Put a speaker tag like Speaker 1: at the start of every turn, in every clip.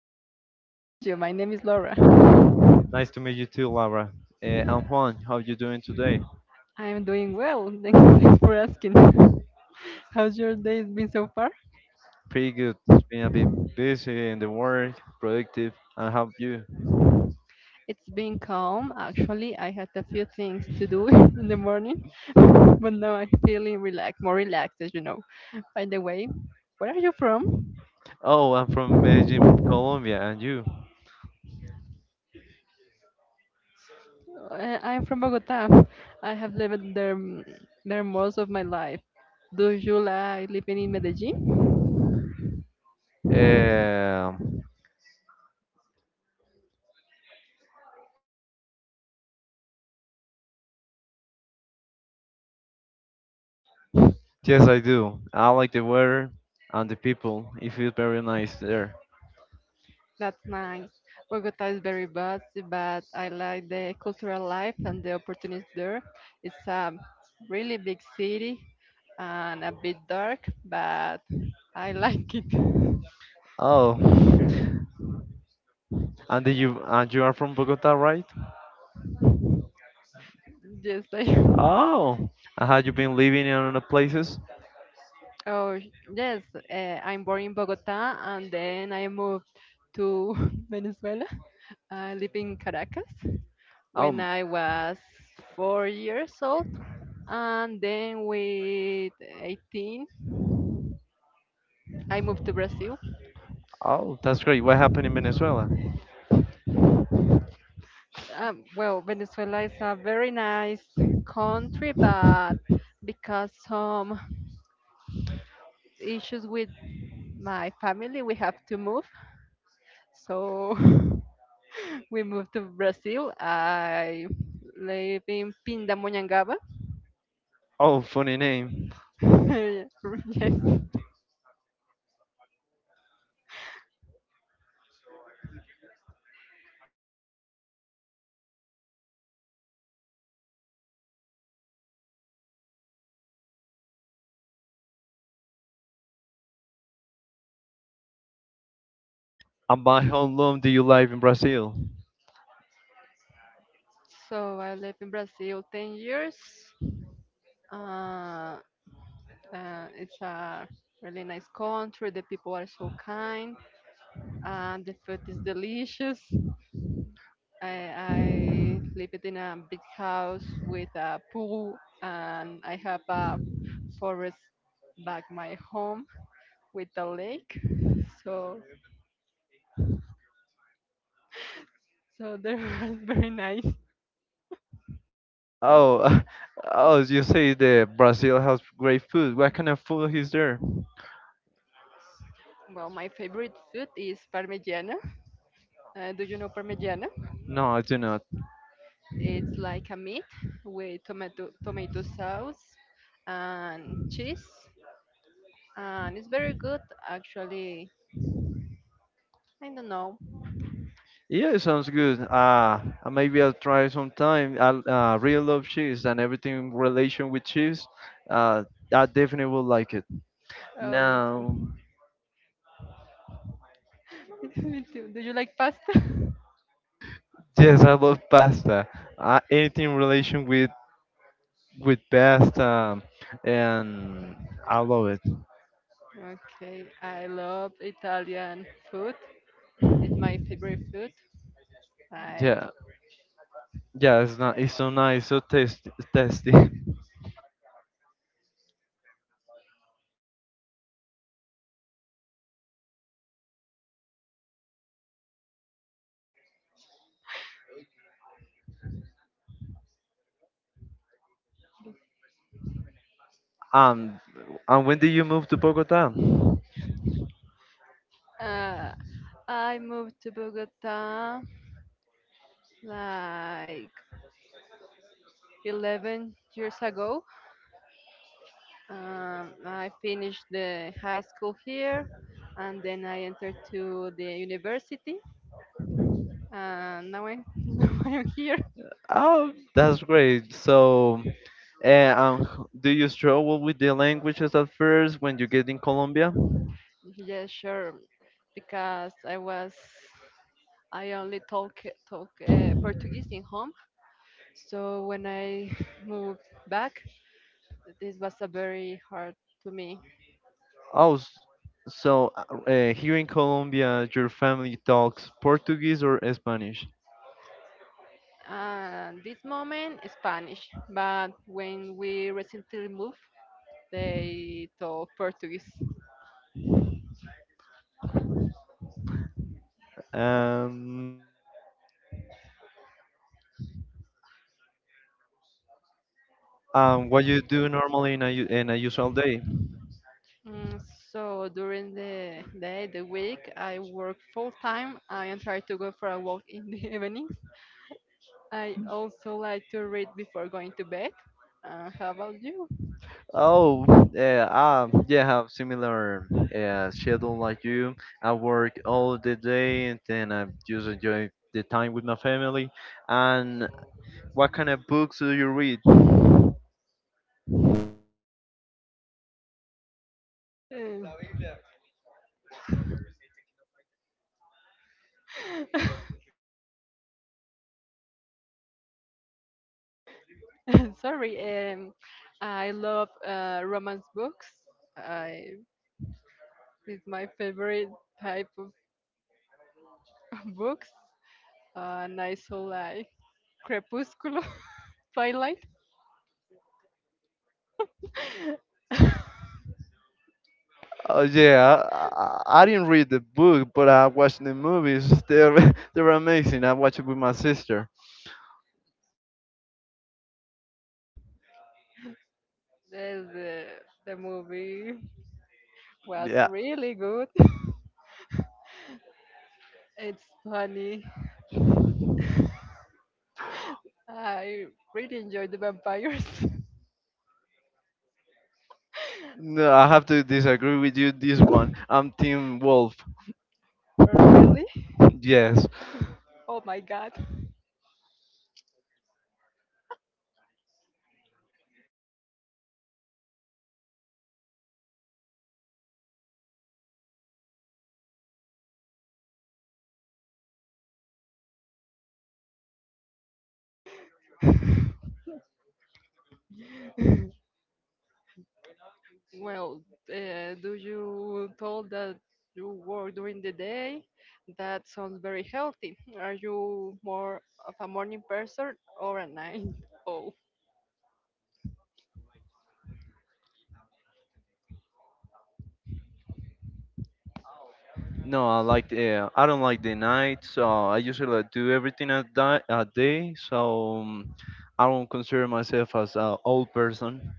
Speaker 1: Hi, nice to meet you. My name is Laura.
Speaker 2: Nice to meet you too, Laura. I'm Juan. How are you doing today?
Speaker 1: I am doing well. Thanks thanks for asking. How's your day been so far?
Speaker 2: Pretty good. It's been a bit busy in the work, productive. And how you?
Speaker 1: It's been calm, actually. I had a few things to do in the morning, but now I'm feeling relaxed, more relaxed, as you know. By the way, where are you from?
Speaker 2: Oh, I'm from Medellin, Colombia. And you?
Speaker 1: I'm from Bogota. I have lived there there most of my life. Do you like living in Medellin?
Speaker 2: Um yes, I do. I like the weather and the people. It feels very nice there.
Speaker 1: That's nice. Bogota is very vast, but I like the cultural life and the opportunities there. It's a really big city and a bit dark, but I like it.
Speaker 2: Oh, and then you are from Bogota, right?
Speaker 1: Just like
Speaker 2: Oh, and have you been living in other places?
Speaker 1: oh, yes, I'm born in Bogota and then I moved to Venezuela. I live in Caracas when
Speaker 2: Oh,
Speaker 1: I was 4 years old, and then with 18, I moved to Brazil.
Speaker 2: Oh, that's great. What happened in Venezuela?
Speaker 1: Well, Venezuela is a very nice country, but because some issues with my family, we have to move. So we moved to Brazil. I live in Pindamonhangaba.
Speaker 2: Oh, funny name.
Speaker 1: Yes.
Speaker 2: And by how long do you live in Brazil?
Speaker 1: So I live in Brazil 10 years. Uh, it's a really nice country. The people are so kind, and the food is delicious. I lived in a big house with a pool, and I have a forest back my home with a lake. So, so there was very nice.
Speaker 2: Oh, oh, you say that Brazil has great food. What kind of food is there?
Speaker 1: Well, my favorite food is parmigiana. Do you know parmigiana?
Speaker 2: No, I do not.
Speaker 1: It's like a meat with tomato sauce and cheese, and it's very good. Actually, I don't know.
Speaker 2: Yeah, it sounds good. Maybe I'll try sometime. I really love cheese and everything in relation with cheese. Uh, I definitely will like it.
Speaker 1: Oh, me
Speaker 2: Now,
Speaker 1: too. Me too. Do you like pasta?
Speaker 2: yes, I love pasta. Anything in relation with best and I love it.
Speaker 1: Okay, I love Italian food. It's my favorite food. Like,
Speaker 2: Yeah, yeah, it's not, it's so nice, so tasty, tasty. Um, and when did you move to Bogota?
Speaker 1: uh, I moved to Bogota like 11 years ago. I finished the high school here, and then I entered to the university. And now I'm now I'm here.
Speaker 2: Oh, that's great. So, do you struggle with the languages at first when you get in Colombia?
Speaker 1: Yeah, sure, because I only talk Portuguese in home. So when I moved back, this was a very hard to me.
Speaker 2: Oh, so here in Colombia, your family talks Portuguese or Spanish?
Speaker 1: And this moment is Spanish, but when we recently moved, they taught Portuguese.
Speaker 2: Um, what you do normally in a in a usual day?
Speaker 1: Mm, so during the day, the week, I work full time. I am trying to go for a walk in the evenings. I also like to read before going to bed. How about you?
Speaker 2: Oh, yeah, yeah, I'm similar schedule like you. I work all the day and then I just enjoy the time with my family. And what kind of books do you read?
Speaker 1: Uh, sorry, um, I love romance books. I it's my favorite type of books. And I saw like Crepúsculo, Twilight. the,
Speaker 2: Oh yeah, I didn't read the book, but I watched the movies. They're they're amazing. I watched it with my sister.
Speaker 1: the the movie was
Speaker 2: Yeah,
Speaker 1: really good. It's funny. I really enjoyed the vampires.
Speaker 2: no, I have to disagree with you this one. I'm Team Wolf.
Speaker 1: Really?
Speaker 2: Yes.
Speaker 1: Oh my god. Well, do you told that you work during the day? That sounds very healthy. Are you more of a morning person or a night owl?
Speaker 2: No, I don't like the night, so I usually like, do everything at at day. So I don't consider myself as an old person.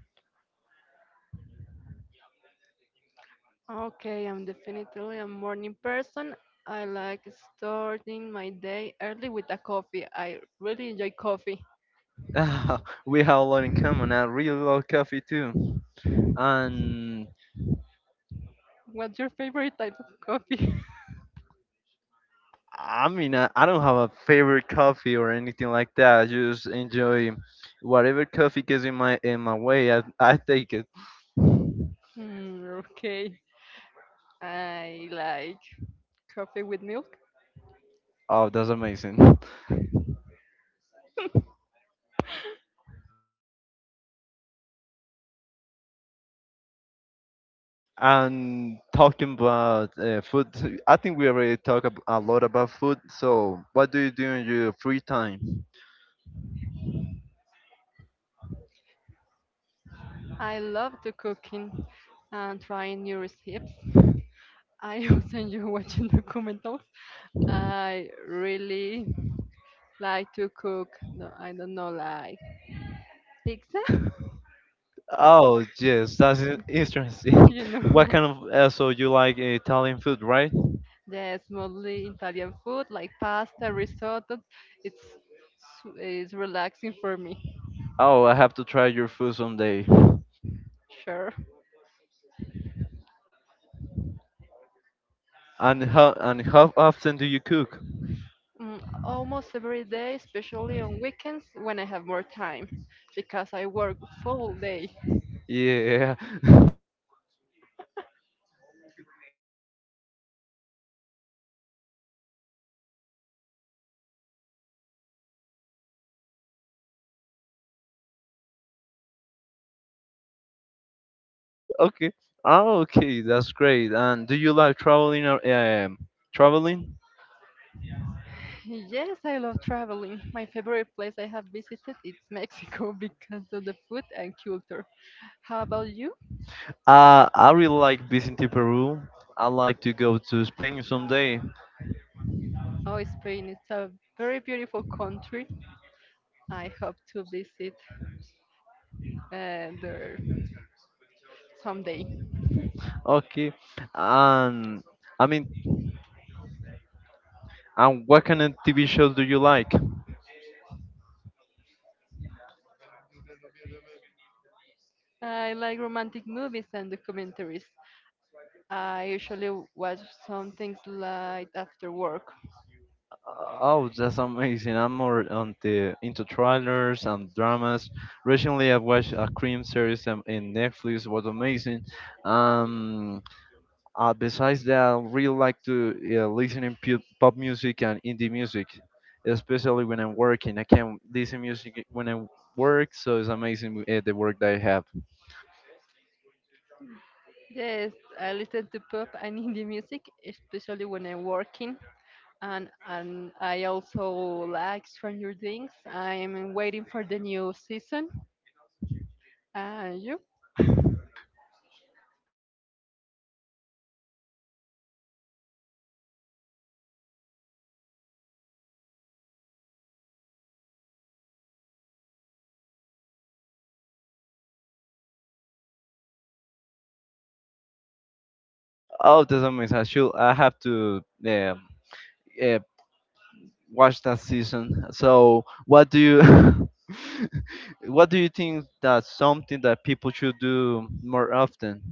Speaker 1: Okay, I'm definitely a morning person. I like starting my day early with a coffee. I really enjoy coffee.
Speaker 2: We have a lot in common. I really love coffee too, and
Speaker 1: What's your favorite type of coffee?
Speaker 2: I mean I don't have a favorite coffee or anything like that. I just enjoy whatever coffee gets in my way. I take it.
Speaker 1: Hmm, okay. I like coffee with milk.
Speaker 2: Oh, that's amazing. And talking about food, I think we already talked a lot about food. So, what do you do in your free time?
Speaker 1: I love to cooking and trying new recipes. I also enjoy watching documentals. I really like to cook. No, I don't know, like pizza.
Speaker 2: Oh, yes, that's interesting.
Speaker 1: You
Speaker 2: What
Speaker 1: know,
Speaker 2: kind of so you like Italian food, right?
Speaker 1: yes, mostly Italian food like pasta, risotto. It's it's relaxing for me.
Speaker 2: Oh, I have to try your food someday.
Speaker 1: Sure,
Speaker 2: And how often do you cook?
Speaker 1: mm, almost every day, especially on weekends when I have more time, because I work full day.
Speaker 2: Yeah. okay. Oh, okay, that's great. And do you like traveling? Or, traveling?
Speaker 1: Yes, I love traveling. My favorite place I have visited is Mexico because of the food and culture. How about you?
Speaker 2: I really like visiting Peru. I like to go to Spain someday.
Speaker 1: Oh, Spain is a very beautiful country. I hope to visit there someday.
Speaker 2: Okay. And I mean, and what kind of TV shows do you like?
Speaker 1: I like romantic movies and documentaries. I usually watch some things like after work.
Speaker 2: Oh, that's amazing. I'm more on the into trailers and dramas. Recently, I watched a crime series in Netflix. Was amazing. Um, Besides that, I really like to listen in pop music and indie music, especially when I'm working. I can listen music when I work, so it's amazing the work that I have.
Speaker 1: Yes, I listen to pop and indie music, especially when I'm working. And I also like Stranger Things. I'm waiting for the new season. And you?
Speaker 2: Oh, that's amazing. I should. I have to. Uh, uh, Watch that season. So what do you what do you think that's something that people should do more often?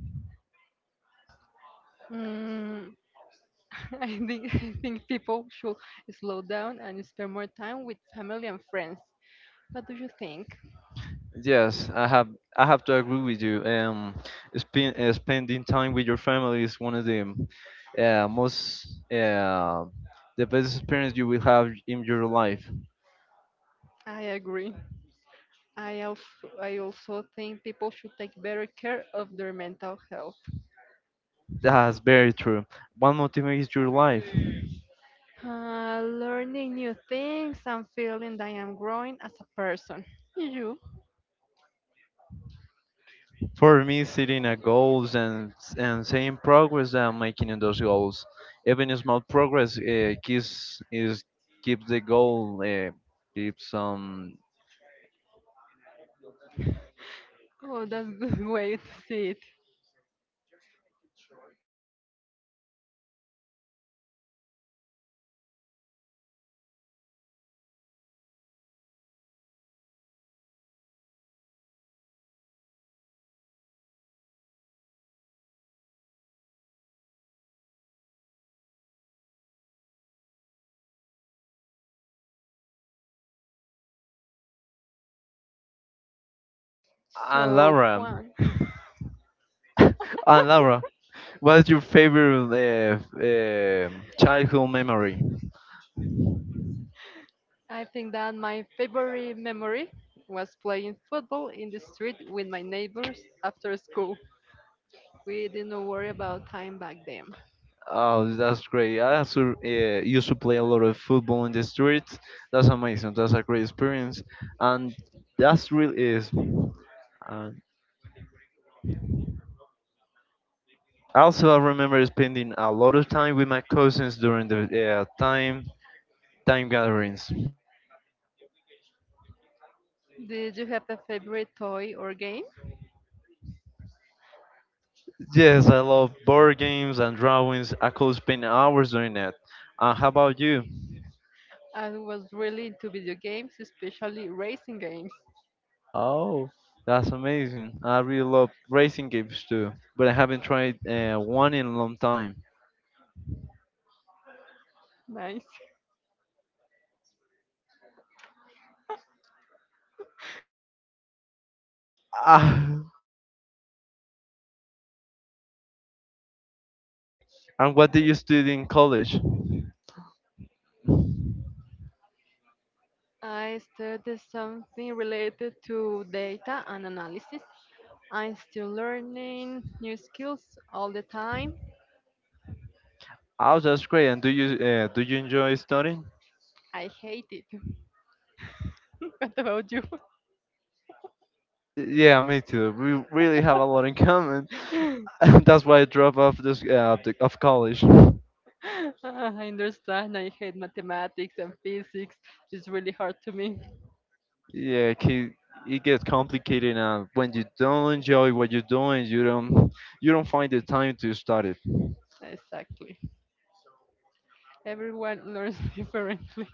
Speaker 1: Mm, I think people should slow down and spend more time with family and friends. What do you think?
Speaker 2: Yes, I have to agree with you. Spending time with your family is one of the most the best experience you will have in your life.
Speaker 1: I agree. I also I also think people should take better care of their mental health.
Speaker 2: That's very true. What motivates your life?
Speaker 1: Learning new things and feeling that I am growing as a person. You?
Speaker 2: For me, setting a goals and seeing progress that I'm making in those goals, even a small progress, gives is keeps the goal, keeps.
Speaker 1: Oh, that's a good way to see it.
Speaker 2: And
Speaker 1: So,
Speaker 2: Laura,
Speaker 1: Juan,
Speaker 2: and Laura, what's your favorite childhood memory?
Speaker 1: I think that my favorite memory was playing football in the street with my neighbors after school. We didn't worry about time back then.
Speaker 2: Oh, that's great. I also used to play a lot of football in the streets. That's amazing. That's a great experience, and that's really is. uh, Also, I remember spending a lot of time with my cousins during the time gatherings.
Speaker 1: Did you have a favorite toy or game?
Speaker 2: Yes, I love board games and drawings. I could spend hours doing that. How about you?
Speaker 1: I was really into video games, especially racing games.
Speaker 2: Oh, that's amazing. I really love racing games too, but I haven't tried one in a long time.
Speaker 1: Nice.
Speaker 2: Ah, and what did you study in college?
Speaker 1: I studied something related to data and analysis. I'm still learning new skills all the time.
Speaker 2: Oh, that's great. And do you enjoy studying?
Speaker 1: I hate it. What about you?
Speaker 2: Yeah, me too. We really have a lot in common. That's why I dropped off this of college.
Speaker 1: I understand. I hate mathematics and physics. It's really hard to me.
Speaker 2: Yeah, it gets complicated now. When you don't enjoy what you're doing, you don't find the time to study.
Speaker 1: Exactly. Everyone learns differently.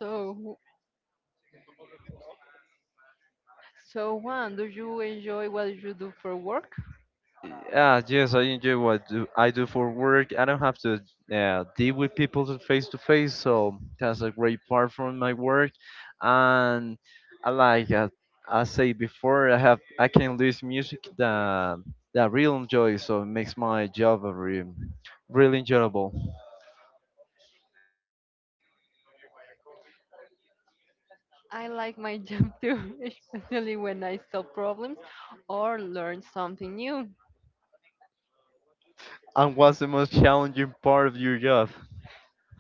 Speaker 1: So, so, Juan, do you enjoy what you do for work?
Speaker 2: Ah, yes, I enjoy I do for work. I don't have to deal with people face to face, so that's a great part from my work. And I like I say before, I can listen music that I really enjoy, so it makes my job a really enjoyable.
Speaker 1: I like my job too, especially when I solve problems or learn something new.
Speaker 2: And what's the most challenging part of your job?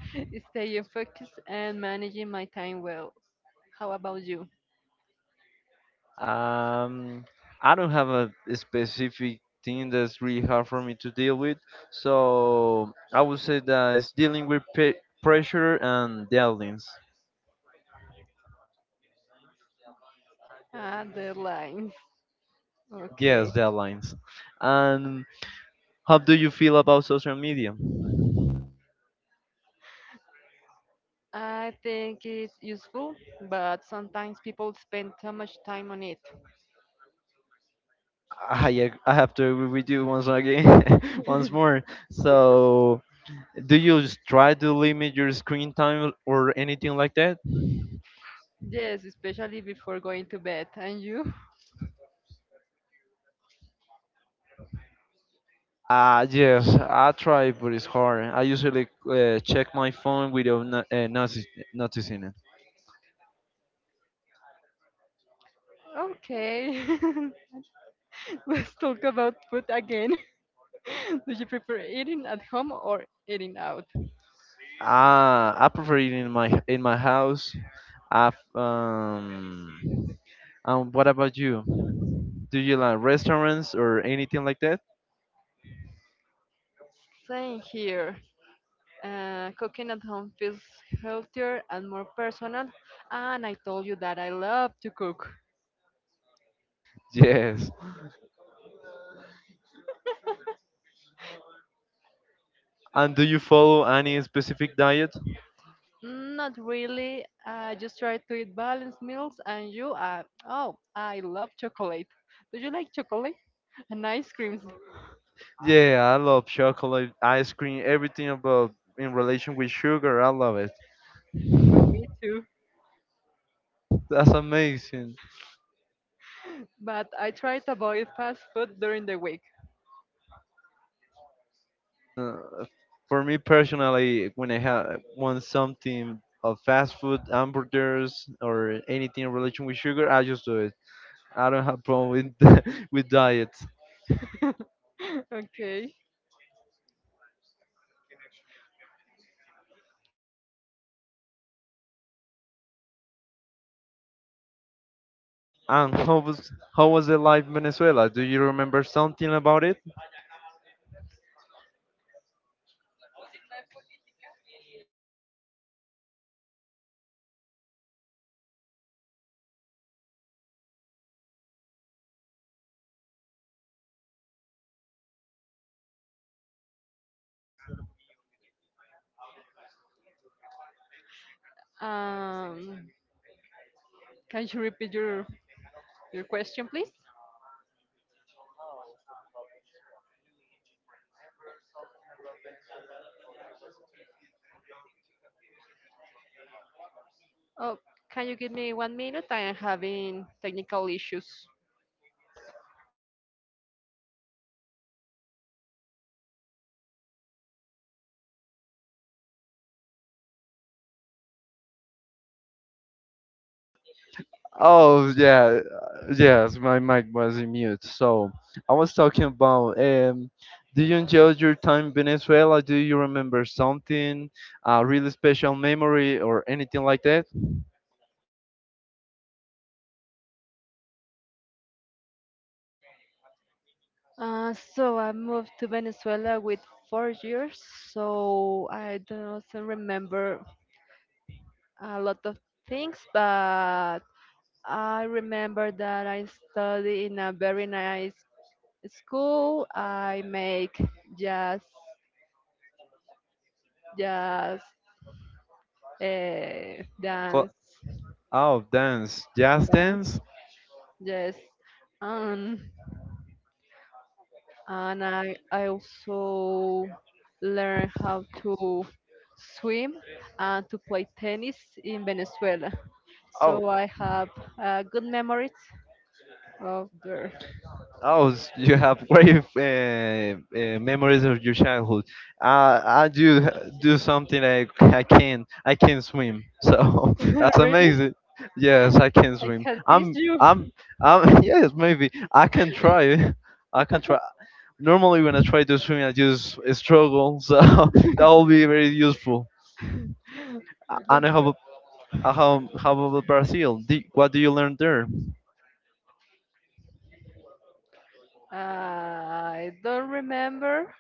Speaker 1: Staying focused and managing my time well. How about you?
Speaker 2: Um, I don't have a specific thing that's really hard for me to deal with, so I would say that it's dealing with pressure and deadlines.
Speaker 1: Ah, deadlines.
Speaker 2: Yes,
Speaker 1: Okay.
Speaker 2: deadlines. And how do you feel about social media?
Speaker 1: I think it's useful, but sometimes people spend too much time on it.
Speaker 2: I have to agree with you once again, once more. So, do you try to limit your screen time or anything like that?
Speaker 1: Yes, especially before going to bed. And you?
Speaker 2: Ah, yes, I try, but it's hard. I usually check my phone without no, noticing it.
Speaker 1: Okay. Let's talk about food again. Do you prefer eating at home or eating out?
Speaker 2: Ah, I prefer it in my house. I've, um, what about you? Do you like restaurants or anything like that?
Speaker 1: Same here. Cooking at home feels healthier and more personal. And I told you that I love to cook.
Speaker 2: Yes. And do you follow any specific diet?
Speaker 1: Not really. I just try to eat balanced meals. And you? Oh, I love chocolate. Do you like chocolate? And ice creams.
Speaker 2: Yeah, I love chocolate, ice cream, everything about in relation with sugar. I love it.
Speaker 1: Oh, me too.
Speaker 2: That's amazing.
Speaker 1: But I try to avoid fast food during the week.
Speaker 2: Uh, For me personally, when I have want something of fast food, hamburgers, or anything in relation with sugar, I just do it. I don't have problem with with diets.
Speaker 1: Okay.
Speaker 2: And how was the life in Venezuela? Do you remember something about it?
Speaker 1: Um, can you repeat your question, please? Oh, can you give me 1 minute? I am having technical issues.
Speaker 2: Oh yeah, yes, my mic was in mute. So I was talking about do you enjoy your time in Venezuela? Do you remember something, a really special memory or anything like that?
Speaker 1: So I moved to Venezuela with 4 years, so I don't remember a lot of things, but I remember that I study in a very nice school. I make jazz jazz
Speaker 2: Cla-
Speaker 1: dance,
Speaker 2: Oh, dance, jazz
Speaker 1: dance,
Speaker 2: dance.
Speaker 1: yes. And and I also learn how to swim and to play tennis in Venezuela.
Speaker 2: Oh,
Speaker 1: So I have good memories of there.
Speaker 2: oh, you have great memories of your childhood. I do something like I can. I can swim, so that's
Speaker 1: Really,
Speaker 2: amazing. Yes, I can
Speaker 1: I
Speaker 2: swim.
Speaker 1: can teach you.
Speaker 2: I'm, I'm. Yes, maybe I can try. I can try. Normally, when I try to swim, I just struggle. So that will be very useful.
Speaker 1: Let's
Speaker 2: And how
Speaker 1: go.
Speaker 2: about Brazil? What do you learn there?
Speaker 1: I don't remember.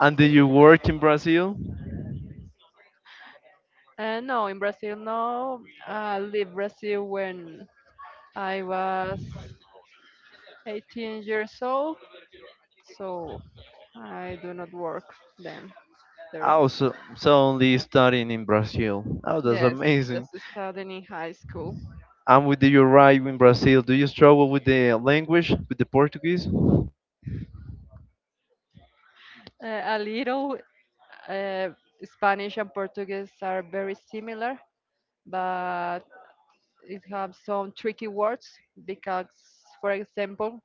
Speaker 2: And did you work in Brazil?
Speaker 1: No, in Brazil, no. I leave Brazil when I was 18 years old, so I do not work them there.
Speaker 2: Also, suddenly studying in Brazil. Oh, that's
Speaker 1: Yes, just
Speaker 2: amazing.
Speaker 1: studying in high school.
Speaker 2: And with you arrive in Brazil, do you struggle with the language, with the Portuguese?
Speaker 1: A little uh, Spanish and Portuguese are very similar, but it have some tricky words because, for example,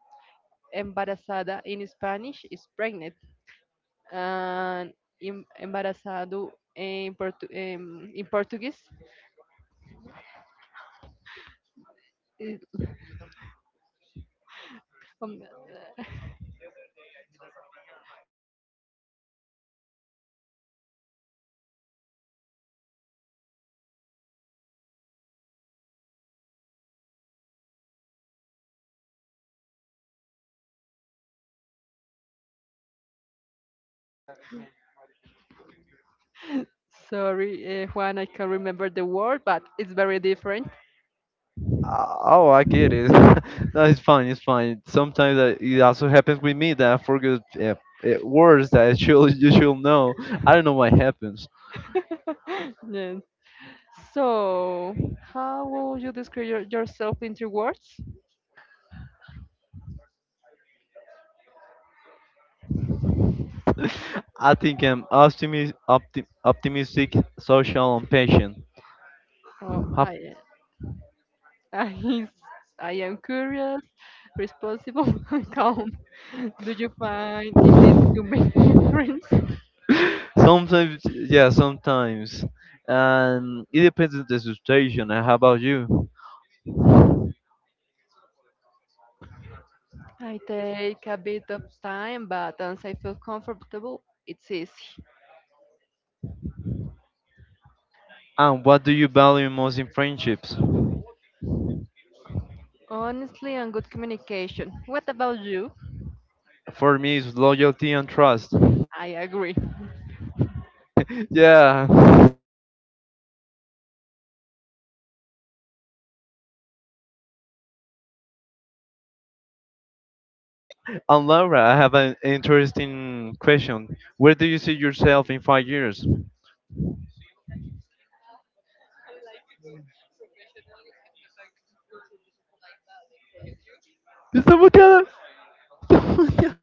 Speaker 1: embarazada in Spanish is pregnant, and em- embarazado in, Portu- em- in Portuguese. Is- um, sorry, Juan, I can't remember the word, but it's very different.
Speaker 2: Oh, I get it. No, it's fine. It's fine. Sometimes it also happens with me that I forget words that you should know. I don't know what happens.
Speaker 1: Yes. So, how would you describe yourself in three words?
Speaker 2: I think I'm optimistic, social, and patient.
Speaker 1: Oh,
Speaker 2: How
Speaker 1: I, I am curious, responsible, and calm. Do you find it easy to make new friends?
Speaker 2: Sometimes, yeah, sometimes. And it depends on the situation. And how about you?
Speaker 1: I take a bit of time, but once I feel comfortable, it's easy.
Speaker 2: And what do you value most in friendships?
Speaker 1: Honestly and good communication. What about you?
Speaker 2: For me, it's loyalty and trust.
Speaker 1: I agree.
Speaker 2: yeah. And Laura, I have an interesting question. Where do you see yourself in 5 years? Estamos cada- estamos cada-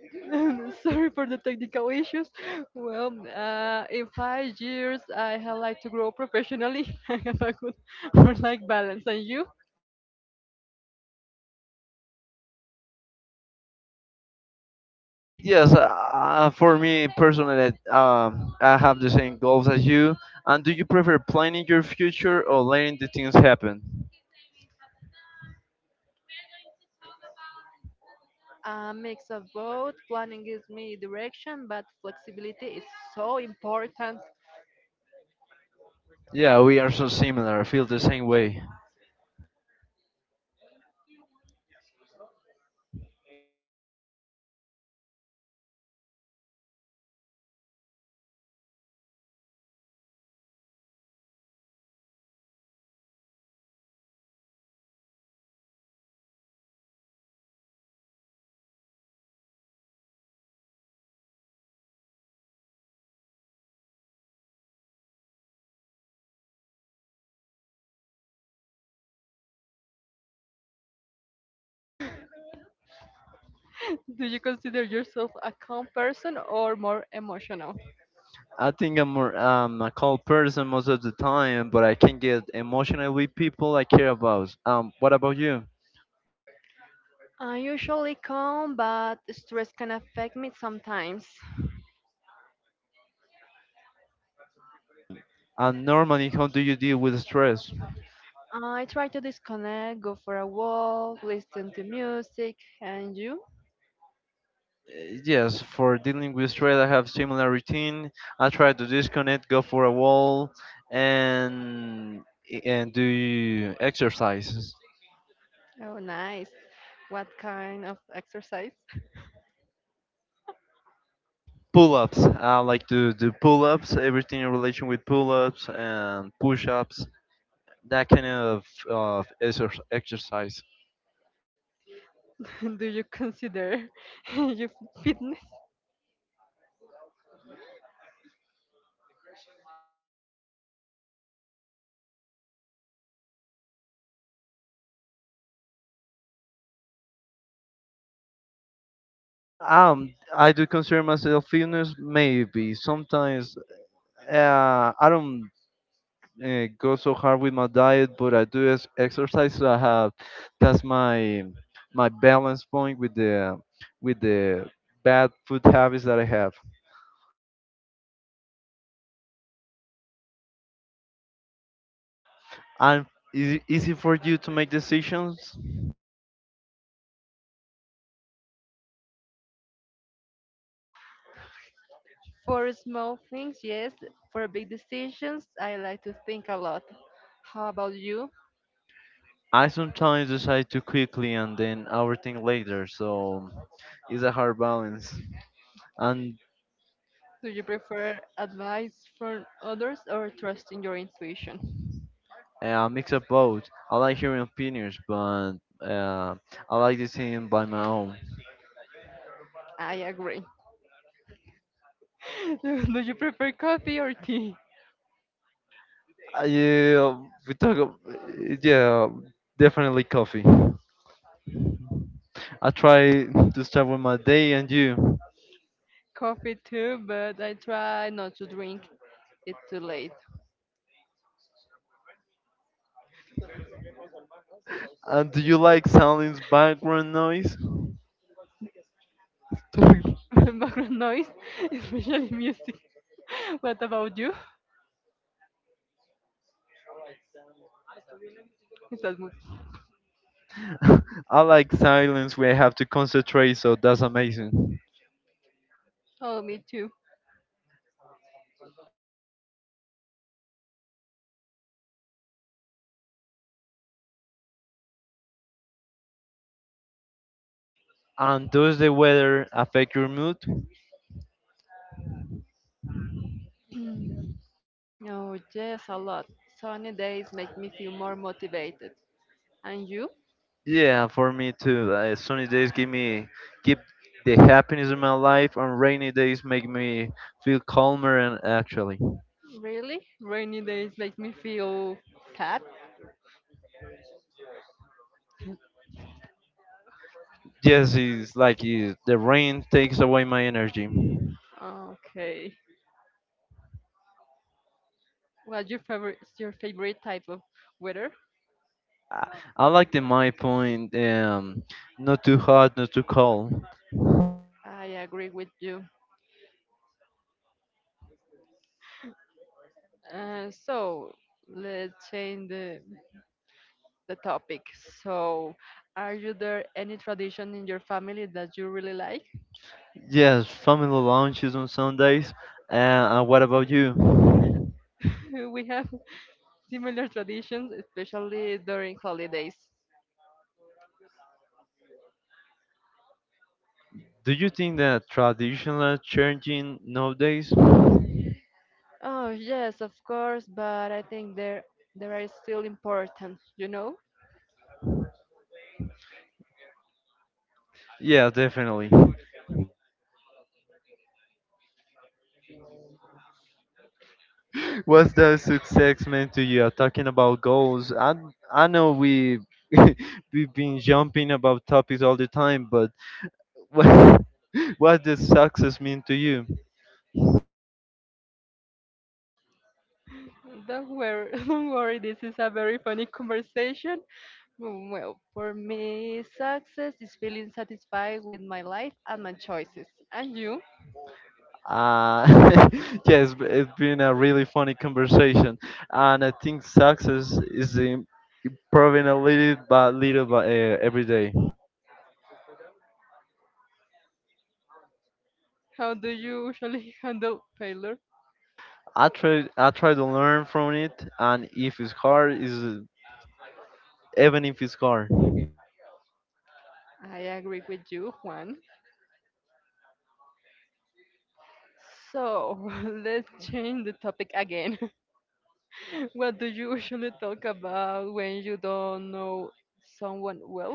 Speaker 1: Sorry for the technical issues. Well, in 5 years, I have like to grow professionally. I have a good work-life balance. And you?
Speaker 2: Yes, for me personally, I have the same goals as you. And do you prefer planning your future or letting the things happen?
Speaker 1: A mix of both. Planning gives me direction, but flexibility is so important.
Speaker 2: Yeah, we are so similar. I feel the same way.
Speaker 1: Do you consider yourself a calm person or more emotional?
Speaker 2: I think I'm more, a cold person most of the time, but I can get emotional with people I care about. What about you?
Speaker 1: I'm usually calm, but stress can affect me sometimes.
Speaker 2: And normally, how do you deal with stress?
Speaker 1: I try to disconnect, go for a walk, listen to music, and you?
Speaker 2: Yes, for dealing with stress, I have similar routine. I try to disconnect, go for a walk, and and do exercises.
Speaker 1: Oh, nice. What kind of exercise
Speaker 2: Pull-ups. I like to do pull-ups. Everything in relation with pull-ups and push-ups that kind of exercise.
Speaker 1: do you consider your fitness?
Speaker 2: I do consider myself fitness. Maybe sometimes I don't go so hard with my diet, but I do exercise. So I have that's my balance point with the with the bad food habits that I have. And is it easy for you to make decisions?
Speaker 1: For small things, yes. For big decisions, I like to think a lot. How about you?
Speaker 2: I sometimes decide too quickly and then overthink later, so it's a hard balance. And
Speaker 1: Do you prefer advice from others or trust in your intuition?
Speaker 2: A mix of both. I like hearing opinions, but uh, I like deciding by my own.
Speaker 1: I agree. Do you prefer coffee or tea?
Speaker 2: Yeah, Yeah, definitely coffee. I try to start with my day and you.
Speaker 1: Coffee too, but I try not to drink it too late.
Speaker 2: And do you like silence background noise?
Speaker 1: Background noise, especially music. What about you? Is that
Speaker 2: I like silence where I have to concentrate, so that's amazing.
Speaker 1: oh, me too.
Speaker 2: And does the weather affect your mood?
Speaker 1: No, yes, a lot. Sunny days make me feel more motivated. And you?
Speaker 2: Yeah, for me too. Sunny days give me keep the happiness in my life, and rainy days make me feel calmer and actually.
Speaker 1: Really? Rainy days make me feel sad.
Speaker 2: Yes, it's like the rain takes away my energy.
Speaker 1: Okay. What's your favorite? Your favorite type of weather?
Speaker 2: I, I like the my point. Not too hot, not too cold.
Speaker 1: I agree with you. So let's change the topic. So, are you there any tradition in your family that you really like?
Speaker 2: Yes, family lunches on Sundays. Uh, and what about you?
Speaker 1: We have similar traditions, especially during holidays.
Speaker 2: Do you think that traditional are changing nowadays?
Speaker 1: Oh, yes, of course, but I think there are still important, you know?
Speaker 2: Yeah, definitely. What's the success meant to you? Talking about goals, I know we we've been jumping about topics all the time, but what what does success mean to you?
Speaker 1: Don't worry, don't worry, this is a very funny conversation. Mm, well, for me, success is feeling satisfied with my life and my choices. And you?
Speaker 2: Uh, yes, it's been a really funny conversation, and I think success is improving a little by little by every day.
Speaker 1: How do you usually handle failure?
Speaker 2: I try to learn from it, and if it's hard, is even if it's hard.
Speaker 1: I agree with you, Juan. So, let's change the topic again. What do you usually talk about when you don't know someone well?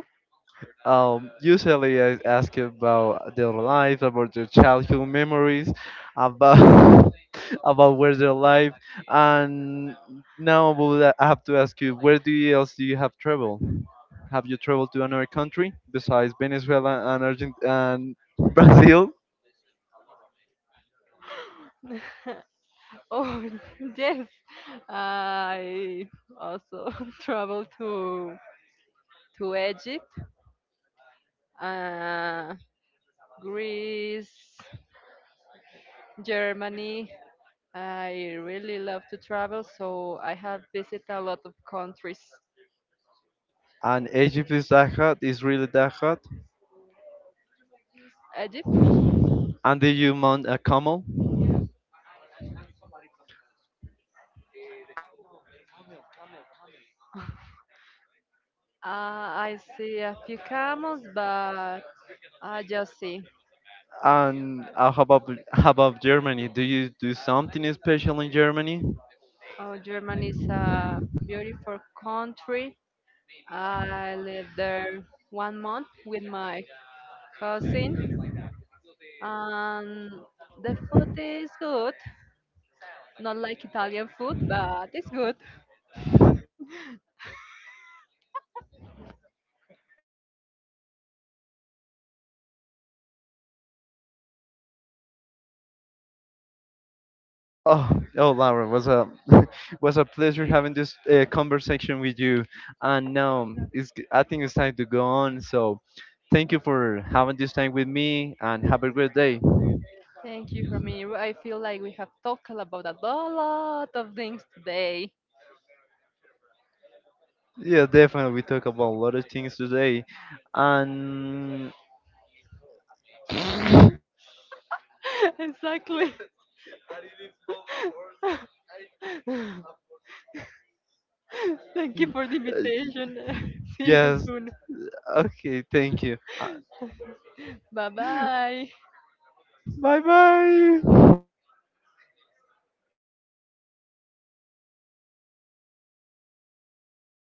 Speaker 2: Usually I ask you about their life, about their childhood memories, about about where they live, and now I have to ask you, where do you else do you have traveled? Have you traveled to another country besides Venezuela and Argent and Brazil?
Speaker 1: Oh, yes. I also traveled to Egypt, uh, Greece, Germany. I really love to travel, so I have visited a lot of countries.
Speaker 2: And Egypt is that hot, Israel is really that hot,
Speaker 1: Egypt,
Speaker 2: and did you mount a camel?
Speaker 1: I see a few camels, but I just see.
Speaker 2: And how about Germany? Do you do something special in Germany?
Speaker 1: Oh, Germany is a beautiful country. I lived there 1 month with my cousin, and the food is good. Not like Italian food, but it's good.
Speaker 2: Oh, oh, Laura, was a was a pleasure having this conversation with you. And now it's I think it's time to go on. So, thank you for having this time with me, and have a great day.
Speaker 1: Thank you, Ramiro. I feel like we have talked about a lot of things today.
Speaker 2: Yeah, definitely, we talk about a lot of things today, and
Speaker 1: Exactly. Thank you for the invitation. See you
Speaker 2: yes,
Speaker 1: soon.
Speaker 2: okay, thank you.
Speaker 1: Bye bye.
Speaker 2: Bye bye.